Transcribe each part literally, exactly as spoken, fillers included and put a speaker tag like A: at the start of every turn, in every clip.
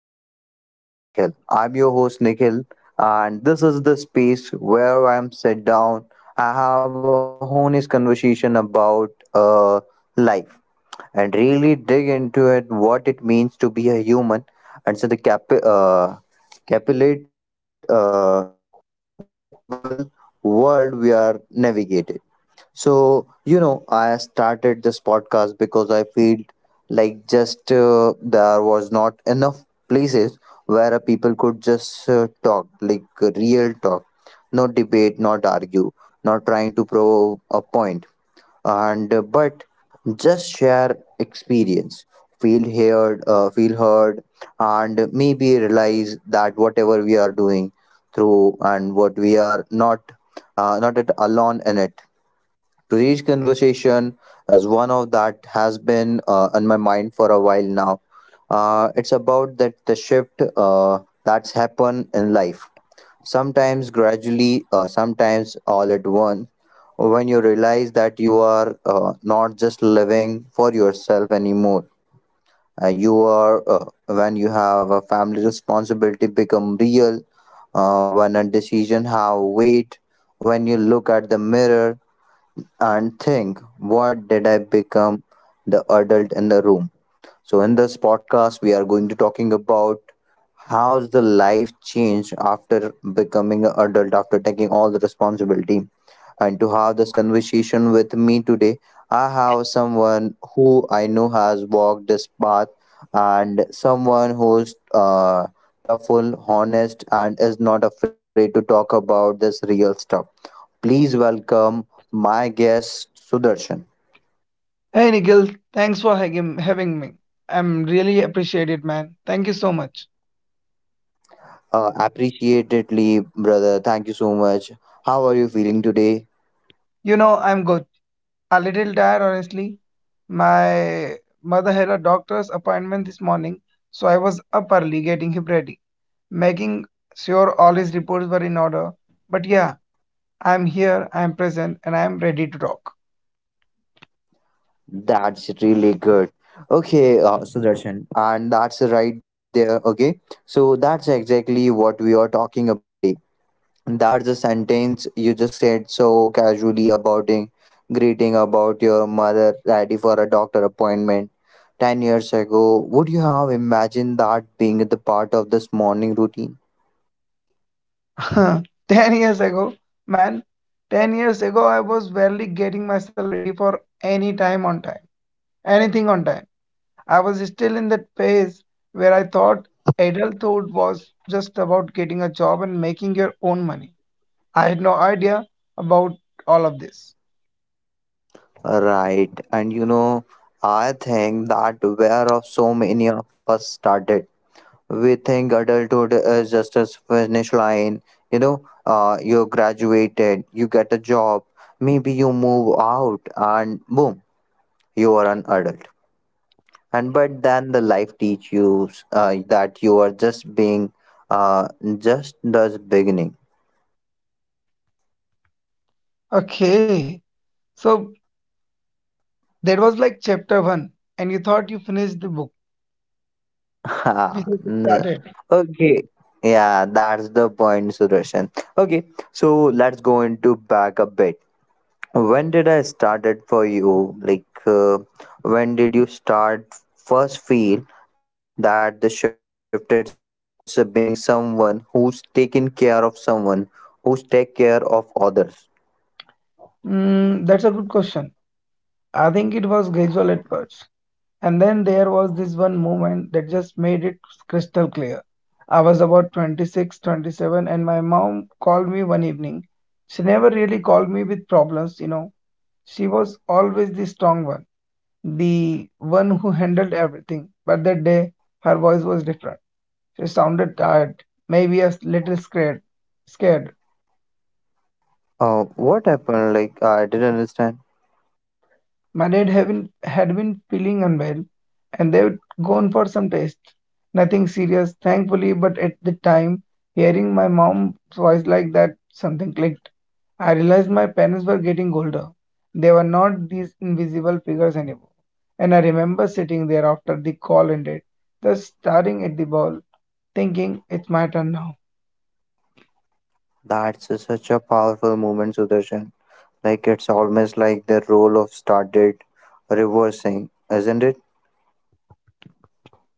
A: back to Real Talk with Nikhil. I'm your host, Nikhil, and this is the space where I'm sit down. I have a honest conversation about uh, life and really dig into it what it means to be a human and so the cap- uh, capillate, uh, capable world we are navigated. So, you know, I started this podcast because I felt like just uh, there was not enough places where people could just uh, talk, like uh, real talk, not debate, not argue, not trying to prove a point and uh, but just share experience, feel heard uh, feel heard and maybe realize that whatever we are doing through and what we are not, uh, not at alone in it. Today's conversation is one of that has been uh, on my mind for a while now. Uh, it's about that the shift uh, that's happened in life, sometimes gradually, uh, sometimes all at once, when you realize that you are uh, not just living for yourself anymore. Uh, you are, uh, when you have a family responsibility become real, uh, when a decision have weight, when you look at the mirror and think, what did I become, the adult in the room? So in this podcast, we are going to talking about how's the life changed after becoming an adult, after taking all the responsibility. And to have this conversation with me today, I have someone who I know has walked this path and someone who's uh, tough, honest, and is not afraid to talk about this real stuff. Please welcome my guest, Sudarshan.
B: Hey Nigel, thanks for having having me. I'm really appreciate it, man. Thank you so much.
A: Uh, appreciatedly, brother. Thank you so much. How are you feeling today?
B: You know, I'm good. A little tired, honestly. My mother had a doctor's appointment this morning, so I was up early getting him ready, making sure all his reports were in order. But yeah, I'm here, I'm present, and I'm ready to talk.
A: That's really good. Okay, uh, Sudarshan, and that's right there. Okay, so that's exactly what we are talking about today. That's the sentence you just said so casually about a greeting about your mother ready for a doctor appointment. ten years ago, would you have imagined that being the part of this morning routine?
B: ten years ago, man, ten years ago, I was barely getting myself ready for any time on time, anything on time. I was still in that phase where I thought adulthood was just about getting a job and making your own money. I had no idea about all of this.
A: Right. And you know, I think that where of so many of us started. We think adulthood is just a finish line. You know, uh, you graduated, you get a job, maybe you move out, and boom, you are an adult. And but then the life teaches you uh, that you are just being, uh, just the beginning.
B: Okay, so that was like chapter one, and you thought you finished the book. Which
A: Ha,
B: is
A: n-
B: started.
A: okay. Yeah, that's the point, Sudarshan. Okay, so let's go into back a bit. When did I started for you? Like, uh, when did you start first feel that the shifted is being someone who's taking care of someone, who's take care of others?
B: Mm, that's a good question. I think it was gradual at first. And then there was this one moment that just made it crystal clear. I was about twenty-six, twenty-seven, and my mom called me one evening. She never really called me with problems, you know. She was always the strong one, the one who handled everything. But that day, her voice was different. She sounded tired, maybe a little scared, scared.
A: Uh, what happened? Like, I didn't understand.
B: My dad had been, had been feeling unwell, and they'd gone for some tests. Nothing serious, thankfully, but at the time, hearing my mom's voice like that, something clicked. I realized my parents were getting older. They were not these invisible figures anymore. And I remember sitting there after the call ended, just staring at the ball, thinking, it's my turn now.
A: That's a- such a powerful movement, Sudarshan. Like it's almost like the role of started reversing, isn't it?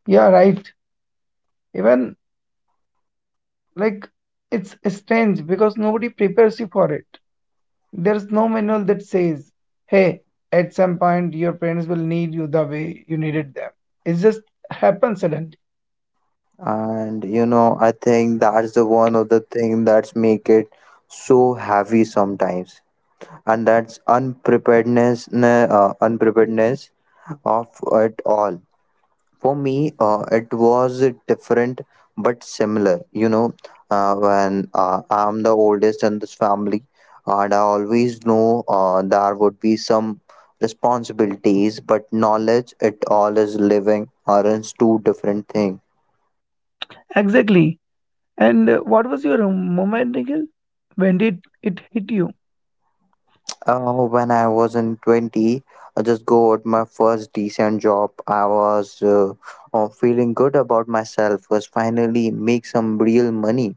B: Yeah, right. Even like it's strange because nobody prepares you for it. There's no manual that says, hey, at some point your parents will need you the way you needed them. It just happens suddenly.
A: And you know, I think that's the one of the thing that's make it so heavy sometimes, and that's unpreparedness, uh, unpreparedness of it all. For me, uh, it was different but similar, you know uh, when uh, I'm the oldest in this family and I always know uh, there would be some responsibilities, but knowledge it all is living aren't two different things.
B: Exactly. And uh, what was your moment, Nikhil? When did it hit you?
A: uh, when I was in twenty, I just got my first decent job. I was uh, uh, feeling good about myself, was finally make some real money,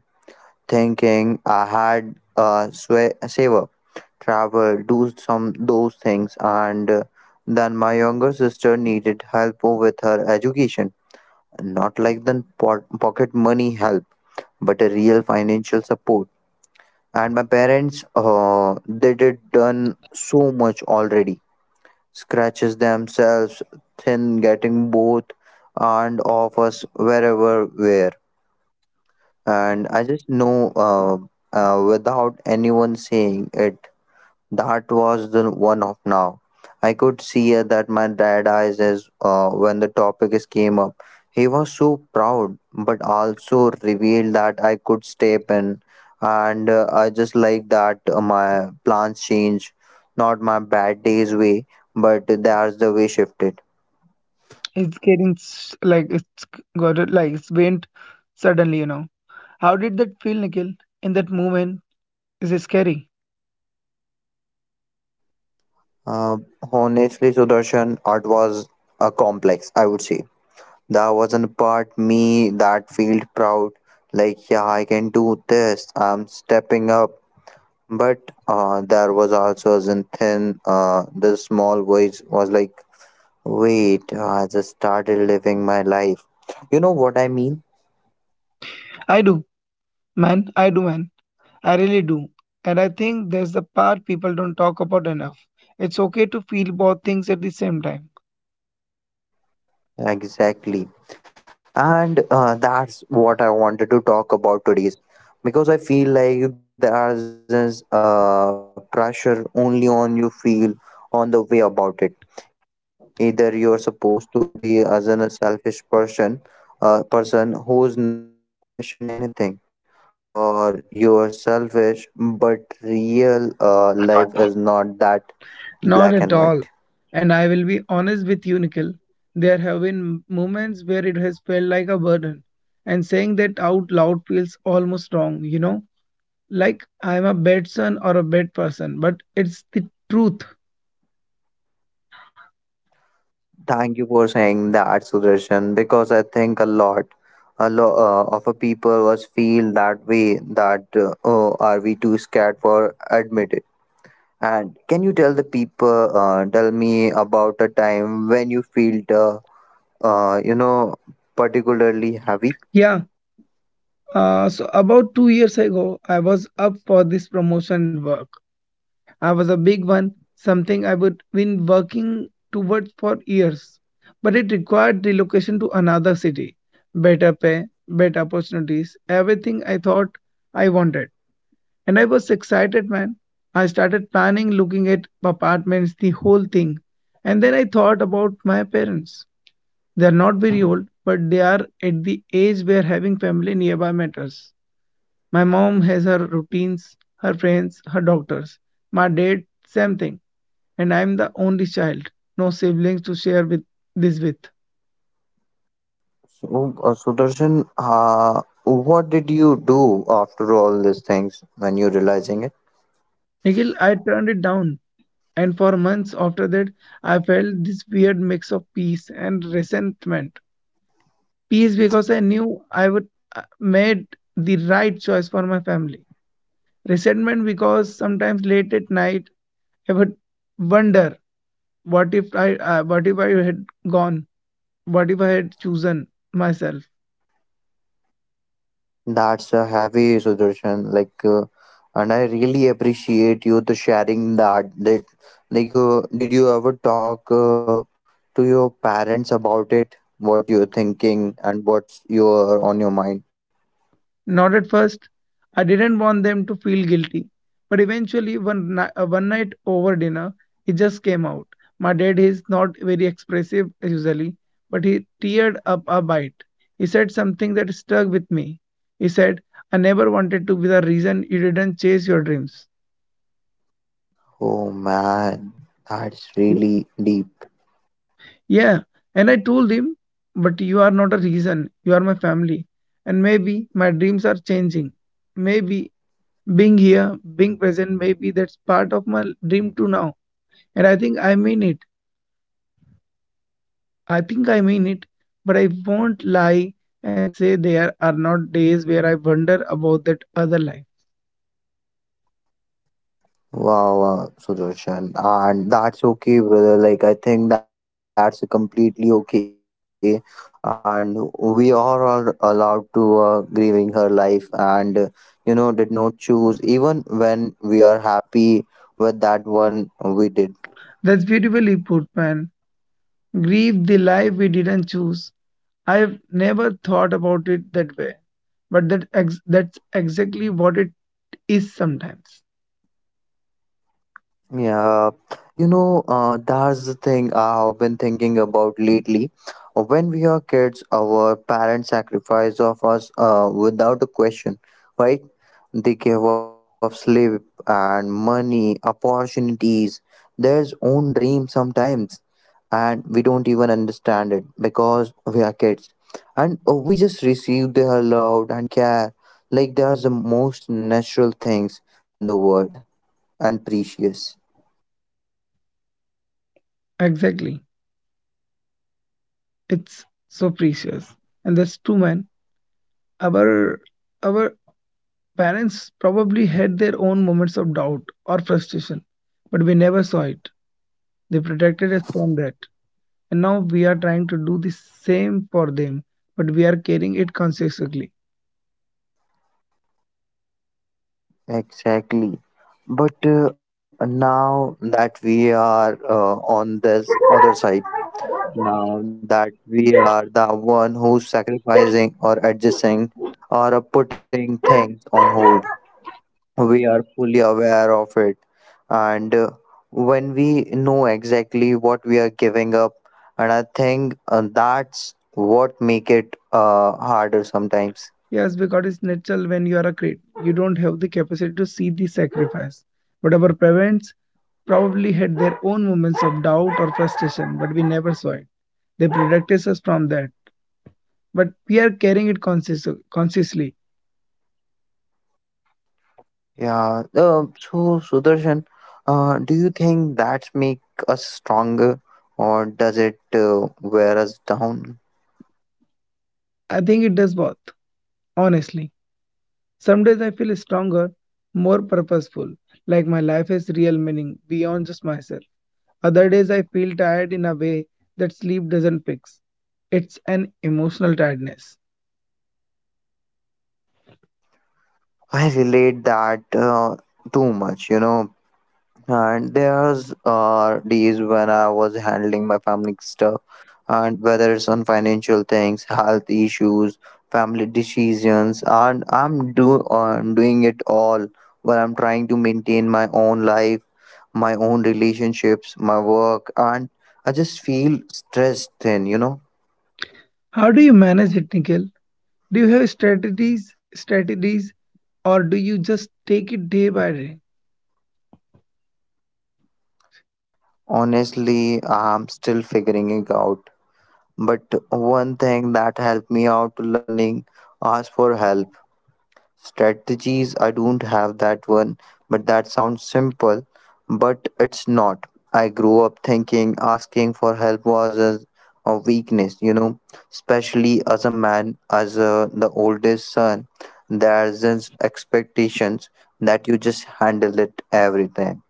A: thinking I had a swa- saver, travel, do some those things, and uh, then my younger sister needed help with her education, not like the po- pocket money help, but a real financial support. And my parents, uh, they did done so much already, scratches themselves thin, getting both and of us wherever where. And I just know, uh, uh, without anyone saying it, that was the one of now. I could see uh, that my dad eyes as uh, when the topic is came up. He was so proud, but also revealed that I could step in, and uh, I just like that uh, my plans change, not my bad days way, but that's the way shifted.
B: It's getting s- like it's got it like it's went suddenly, you know. How did that feel, Nikhil? In that moment, is it scary?
A: Uh, Honestly, Sudarshan, art was uh, complex, I would say. That was an part me that felt proud, like yeah, I can do this. I'm stepping up. But uh, there was also a thin, uh, the small voice was like, wait, I just started living my life. You know what I mean?
B: I do, man. I do, man. I really do. And I think there's the part people don't talk about enough. It's okay to feel both things at the same time.
A: Exactly. And uh, that's what I wanted to talk about today is because I feel like there is this uh, pressure only on you feel on the way about it. Either you're supposed to be as an, a selfish person, uh, person who's never questioned anything, or you're selfish, but real uh, life is not that
B: Not
A: black and
B: at
A: white.
B: all. And I will be honest with you, Nikhil. There have been moments where it has felt like a burden. And saying that out loud feels almost wrong, you know? Like I'm a bad son or a bad person, but it's the truth.
A: Thank you for saying that, Sudarshan, because I think a lot, a lot uh, of a people was feel that way that uh, oh, are we too scared for admit it? And can you tell the people, uh, tell me about a time when you feel the, uh, you know, particularly heavy?
B: Yeah. Uh, so about two years ago, I was up for this promotion work. I was a big one, something I would been working towards for years. But it required relocation to another city, better pay, better opportunities, everything I thought I wanted. And I was excited, man. I started planning, looking at apartments, the whole thing. And then I thought about my parents. They are not very old, but they are at the age where having family nearby matters. My mom has her routines, her friends, her doctors. My dad, same thing. And I'm the only child, no siblings to share with this with.
A: So, uh, Sudarshan, uh, what did you do after all these things when you realizing it?
B: Nikhil, I turned it down. And for months after that, I felt this weird mix of peace and resentment. Peace because I knew I would uh, made the right choice for my family. Resentment because sometimes late at night I would wonder. What if I uh, what if I had gone? What if I had chosen myself?
A: That's a heavy suggestion. Like, uh, and I really appreciate you to sharing that. That like, uh, did you ever talk uh, to your parents about it? What you're thinking and what's your on your mind?
B: Not at first. I didn't want them to feel guilty. But eventually, one, ni- uh, one night over dinner, it just came out. My dad is not very expressive usually, but he teared up a bite. He said something that stuck with me. He said, I never wanted to be the reason you didn't chase your dreams.
A: Oh man, that's really deep.
B: Yeah. And I told him, but you are not a reason. You are my family. And maybe my dreams are changing. Maybe being here, being present, maybe that's part of my dream too now. And I think I mean it. I think I mean it. But I won't lie and say there are not days where I wonder about that other life.
A: Wow, wow, Sudarshan. And that's okay, brother. Like, I think that's completely okay. And we are all allowed to uh, grieving her life and, uh, you know, did not choose, even when we are happy with that one we did.
B: That's beautifully put, man. Grieve the life we didn't choose. I've never thought about it that way, but that ex- that's exactly what it is sometimes.
A: Yeah, you know, uh, that's the thing I have been thinking about lately. When we are kids, our parents sacrifice of us uh, without a question, right? They give up sleep and money, opportunities, their own dream sometimes, and we don't even understand it because we are kids. And uh, we just receive their love and care like they are the most natural things in the world and precious.
B: Exactly, it's so precious. And that's true, man. Our our parents probably had their own moments of doubt or frustration, but we never saw it. They protected us from that, and now we are trying to do the same for them, but we are carrying it consciously.
A: Exactly. But uh, now that we are uh, on this other side, now that we are the one who's sacrificing or adjusting or uh, putting things on hold, we are fully aware of it. And uh, when we know exactly what we are giving up, and I think uh, that's what make it uh, harder sometimes.
B: Yes, because it's natural when you are a kid. You don't have the capacity to see the sacrifice. But our parents probably had their own moments of doubt or frustration, but we never saw it. They protected us from that. But we are carrying it conscious- consciously.
A: Yeah. Uh, so, Sudarshan, uh, do you think that's make us stronger, or does it uh, wear us down?
B: I think it does both, honestly. Some days I feel stronger, more purposeful, like my life has real meaning beyond just myself. Other days I feel tired in a way that sleep doesn't fix. It's an emotional tiredness.
A: I relate that uh, too much, you know. And there's uh, days when I was handling my family stuff, and whether it's on financial things, health issues, family decisions, and I'm do uh, doing it all while I'm trying to maintain my own life, my own relationships, my work, and I just feel stressed then, you know.
B: How do you manage it, Nikhil? Do you have strategies, strategies, or do you just take it day by day?
A: Honestly, I'm still figuring it out. But one thing that helped me out to learning ask for help. Strategies, I don't have that one, but that sounds simple, but it's not. I grew up thinking asking for help was a, a weakness, you know, especially as a man, as a, the oldest son, there's this expectations that you just handle it every time.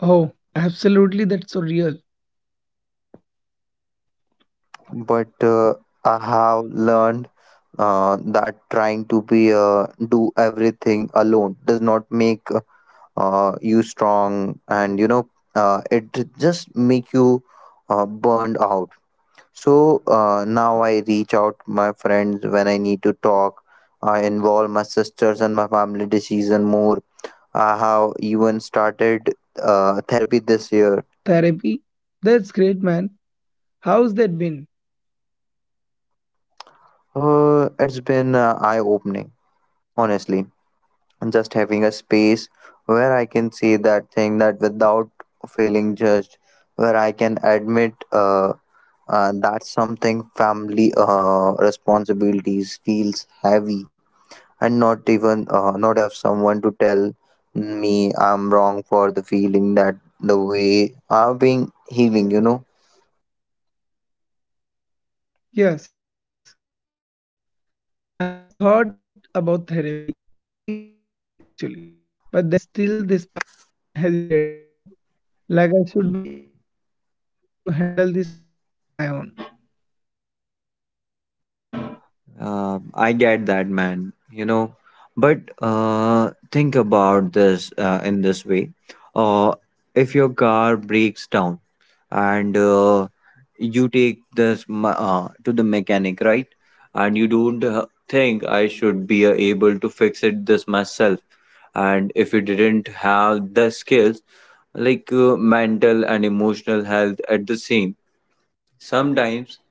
B: Oh, absolutely, that's so real.
A: But uh, I have learned uh, that trying to be uh, do everything alone does not make uh, you strong, and you know uh, it just make you uh, burned out. So uh, now I reach out my friends when I need to talk, I involve my sisters and my family decision more, I have even started uh, therapy this year.
B: Therapy? That's great, man. How's that been?
A: Uh, it's been uh, eye-opening, honestly. And just having a space where I can say that thing that without feeling judged, where I can admit uh, Uh, that's something family uh, responsibilities feels heavy, and not even, uh, not have someone to tell me I'm wrong for the feeling that the way I've been healing. You know.
B: Yes, I have thought about therapy. I think I need it, actually. But there is still this part of me that hesitates, you know, like I should be able to handle this on my own.
A: Uh, I get that, man. You know, but uh, think about this uh, in this way. Uh, if your car breaks down, and uh, you take this m- uh, to the mechanic, right, and you don't uh, think I should be uh, able to fix it this myself, and if you didn't have the skills, like uh, mental and emotional health at the same, sometimes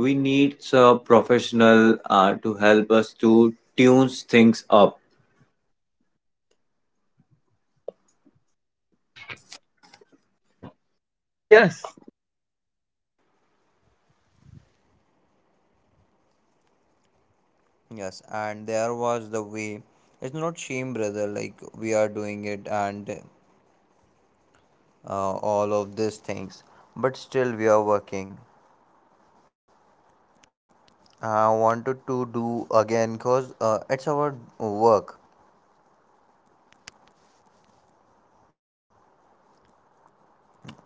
A: we need a professional uh, to help us to tune things up. Yes, and there was the way. It's not shame, brother. Like we are doing it, and uh, all of these things, but still we are working. I wanted to do again because uh, it's our work.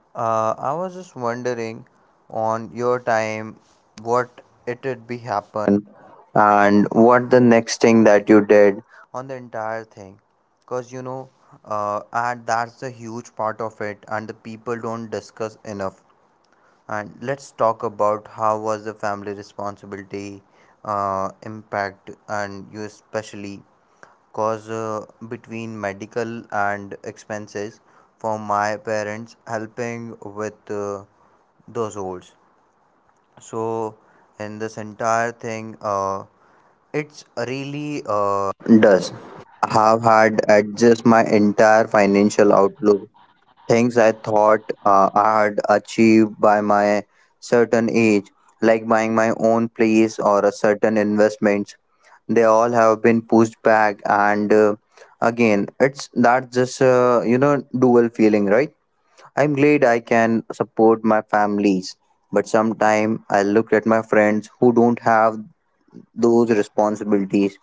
A: uh, I was just wondering on your time what it would be happen and what the next thing that you did on the entire thing, because you know uh, and that's a huge part of it and the people don't discuss enough. And let's talk about how was the family responsibility uh, impact and you especially, cause uh, between medical and expenses for my parents helping with uh, those holes. So in this entire thing, uh, it's really uh, does. I have had adjust my entire financial outlook things I thought uh, I had achieved by my certain age, like buying my own place or a certain investments, they all have been pushed back. And uh, again, it's that just uh, you know dual feeling, right? I'm glad I can support my families, but sometimes I look at my friends who don't have those responsibilities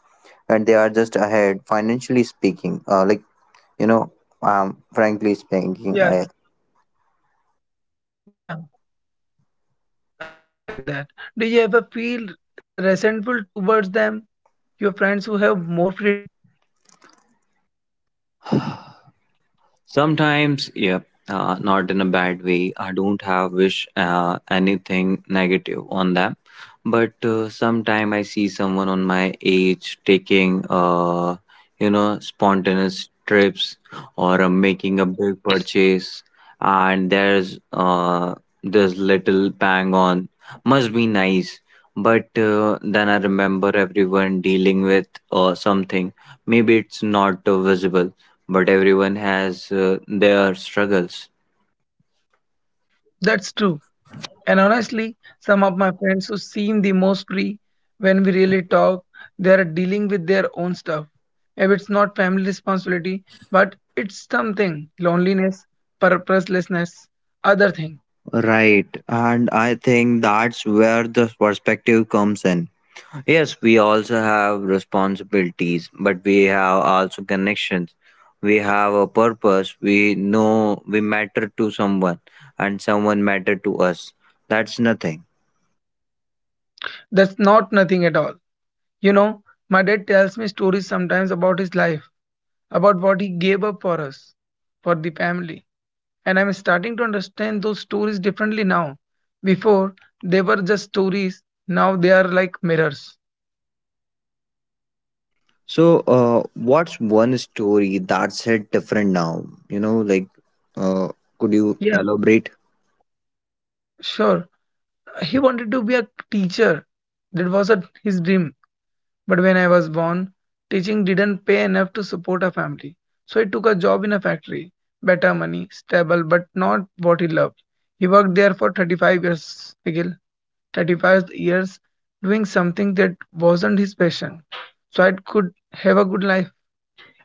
A: and they are just ahead financially speaking. Uh, like you know, um, frankly
B: Yes,
A: speaking, I
B: yeah, I'm agree with that. Do you ever feel se- resentful towards them, your friends who have more freedom?
A: sometimes, yep, uh, not in a bad way. I don't have wish uh, anything negative on them, but uh, sometime I see someone on my age taking, uh, you know, spontaneous trips or uh, making a big purchase, and there's uh, this little bang on. Must be nice, but uh, then I remember everyone dealing with uh, something. Maybe it's not uh, visible but everyone has uh, their struggles.
B: That's true. And honestly, some of my friends who seem the most free when we really talk, they are dealing with their own stuff. Maybe it's not family responsibility, but it's something loneliness, purposelessness, other thing.
A: Right, and I think that's where the perspective comes in. Yes, we also have responsibilities, but we have also connections. We have a purpose. We know we matter to someone, and someone matter to us. That's nothing.
B: That's not nothing at all. You know, my dad tells me stories sometimes about his life, about what he gave up for us, for the family. And I'm starting to understand those stories differently now. Before, they were just stories, now they are like mirrors.
A: So, uh, what's one story that's hit different now? You know, like, uh, could you
B: Yeah,
A: elaborate?
B: sure. He wanted to be a teacher. That was a, his dream. But when I was born, teaching didn't pay enough to support a family. So he took a job in a factory. Better money, stable, but not what he loved. He worked there for thirty-five years, Nikhil. thirty-five years doing something that wasn't his passion so I could have a good life.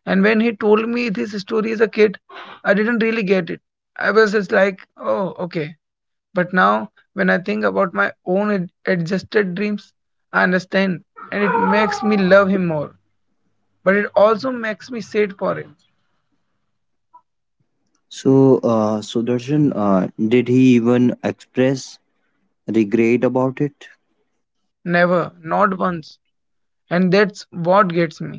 B: And when he told me this story as a kid, I didn't really get it. I was just like, oh, okay. But now, when I think about my own ad- adjusted dreams, I understand and it makes me love him more. But it also makes me sad for him.
A: So, uh, Sudarshan, uh, did he even express regret about it?
B: Never, once. And that's what gets me.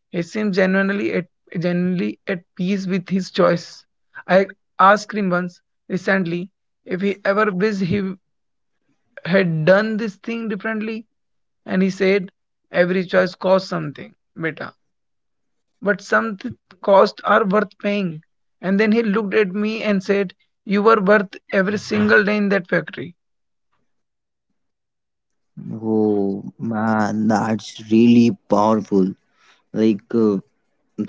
B: He seems genuinely at genuinely at peace with his choice. I asked him once recently if he ever wished he had done this thing differently. And he said, every choice costs something, beta. But some costs are worth paying. And then he looked at me and said, you were worth every single day in that factory.
A: Oh man, that's really powerful. Like, uh,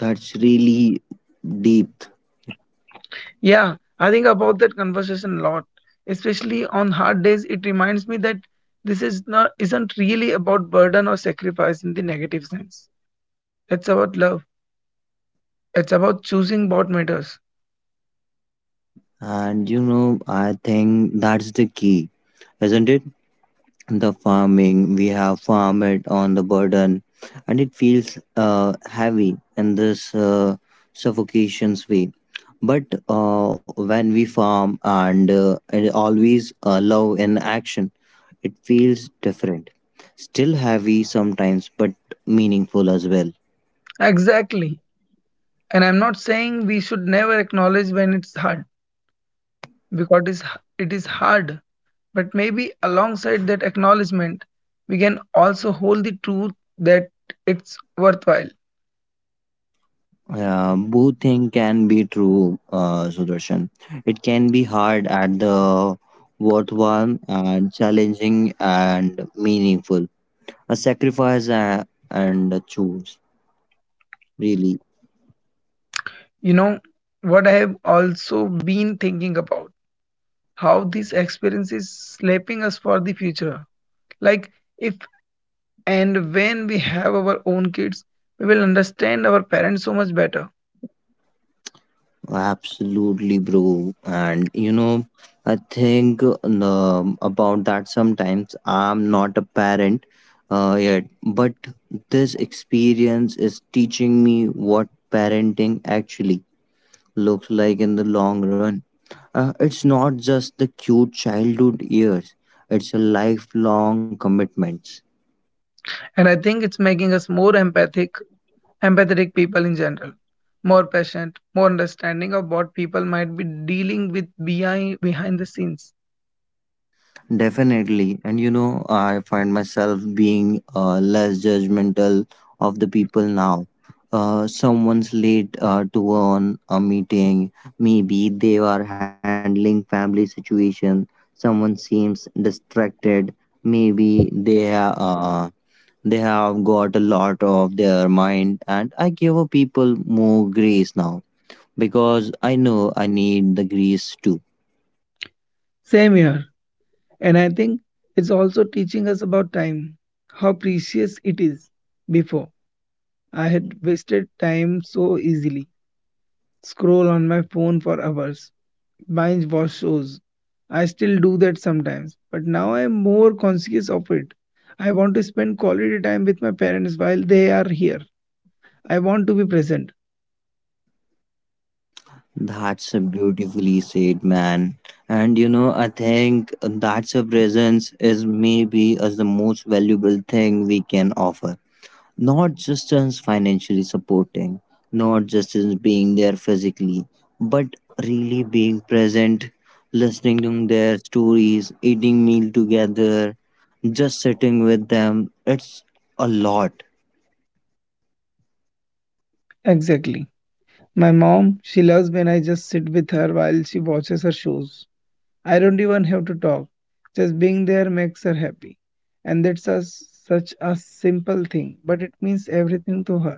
A: that's really deep.
B: Yeah, I think about that conversation a lot. Especially on hard days, it reminds me that this is not isn't really about burden or sacrifice in the negative sense. It's about love. It's about choosing what matters.
A: And you know, I think that's the key, isn't it? The farming we have farm it on the burden and it feels uh, heavy in this uh, suffocation's way but uh, when we farm and, uh, and always uh, love in action, it feels different, still heavy sometimes but meaningful as well.
B: Exactly. And I'm not saying we should never acknowledge when it's hard, because it is, it is hard. But maybe alongside that acknowledgement, we can also hold the truth that it's worthwhile.
A: Yeah, both thing can be true uh, Sudarshan, it can be hard at the worthwhile and challenging and meaningful, a sacrifice a- and a choice really.
B: You know, what I have also been thinking about how this experience is shaping us for the future. Like, if and when we have our own kids, we will understand our parents so much better.
A: Absolutely, bro. And you know, I think, um, about that sometimes I'm not a parent uh, yet, but this experience is teaching me what parenting actually looks like in the long run. Uh, it's not just the cute childhood years, it's a lifelong commitment.
B: And I think it's making us more empathic, empathetic people in general, more patient, more understanding of what people might be dealing with behind behind the scenes.
A: Definitely. And you know, I find myself being uh, less judgmental of the people now. Uh, someone's late uh, to on a meeting. Maybe they are handling family situation. Someone seems distracted. Maybe they have uh, they have got a lot of their mind. And I give people more grace now because I know I need the grace too.
B: Same here. And I think it's also teaching us about time, how precious it is. Before, I had wasted time so easily. Scroll on my phone for hours, binge watch shows. I still do that sometimes, but now I am more conscious of it. I want to spend quality time with my parents while they are here. I want to be present.
A: That's a beautifully said, man. And you know, I think that's a presence is maybe as the most valuable thing we can offer. Not just as financially supporting, not just as being there physically, but really being present, listening to their stories, eating meal together, just sitting with them. It's a lot.
B: Exactly. My mom, she loves when I just sit with her while she watches her shows. I don't even have to talk. Just being there makes her happy. And that's a, such a simple thing, but it means everything to her.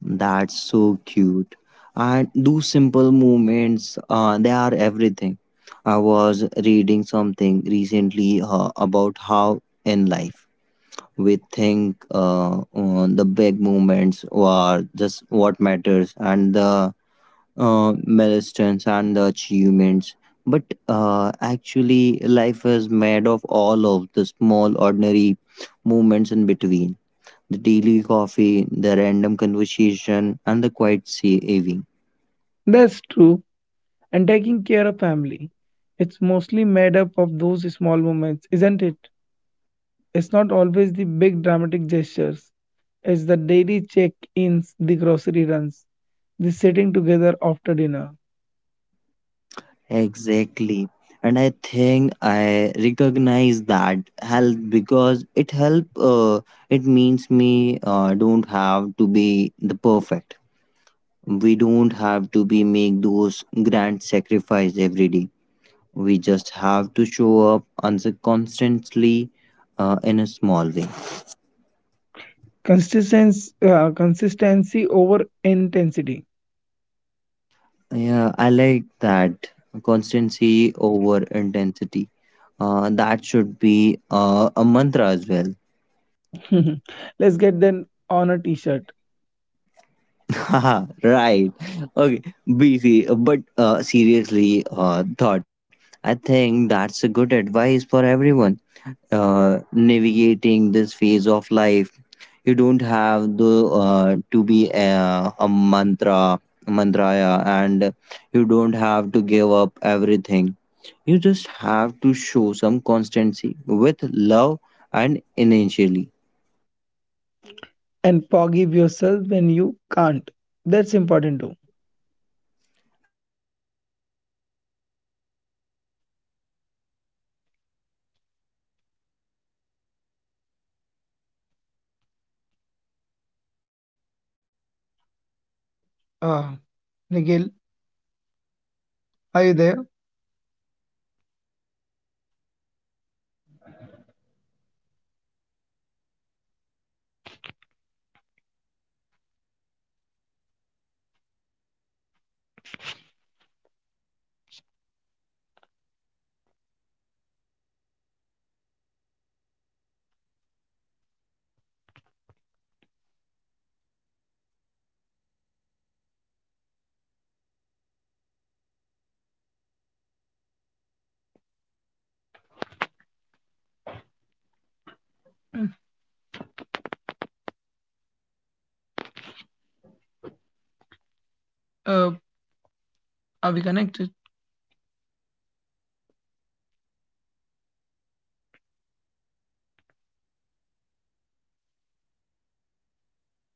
A: That's so cute. And those simple movements, uh, they are everything. I was reading something recently uh, about how in life we think uh, uh, the big movements are just what matters and the uh, milestones and the achievements. But uh, actually, life is made of all of the small, ordinary movements in between, the daily coffee, the random conversation, and the quiet saving.
B: That's true. And taking care of family, it's mostly made up of those small moments, isn't it? It's not always the big dramatic gestures. It's the daily check-ins, the grocery runs, the sitting together after dinner.
A: Exactly. And I think I recognize that help because it help uh, it means me uh, don't have to be the perfect. We don't have to be make those grand sacrifice every day. We just have to show up on the constantly uh, in a small way.
B: Consistency, uh, consistency over intensity.
A: Yeah, I like that constancy over intensity. Uh, that should be uh, a mantra as well.
B: Let's get them on a t-shirt
A: Haha, right. Okay, B C. But uh, seriously, uh, thought. I think that's a good advice for everyone uh, navigating this phase of life. You don't have the uh, to be a, a mantra, mantraya, and you don't have to give up everything. You just have to show some constancy with love and initially.
B: and forgive yourself when you can't. That's important too.
A: Absolutely. Uh, that's a good point, uh, Sudarshan. And there will be the day when you're too tired, too overwhelmed, too caught up your fo- uh,
B: Uh,
A: on your
B: Nikhil,
A: own stuffs, and uh,
B: are you
A: that's
B: there?
A: okay. And that's human, you know. And I also struggle for uh, and that sometimes the guilt, like uh, if I take some more for myself, I'll go out with my friend just having a lazy day, I feel guilty, like you know, uh, like I should have been something doing something for my parents instead.
B: Uh, are we connected?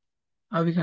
B: Are we connected?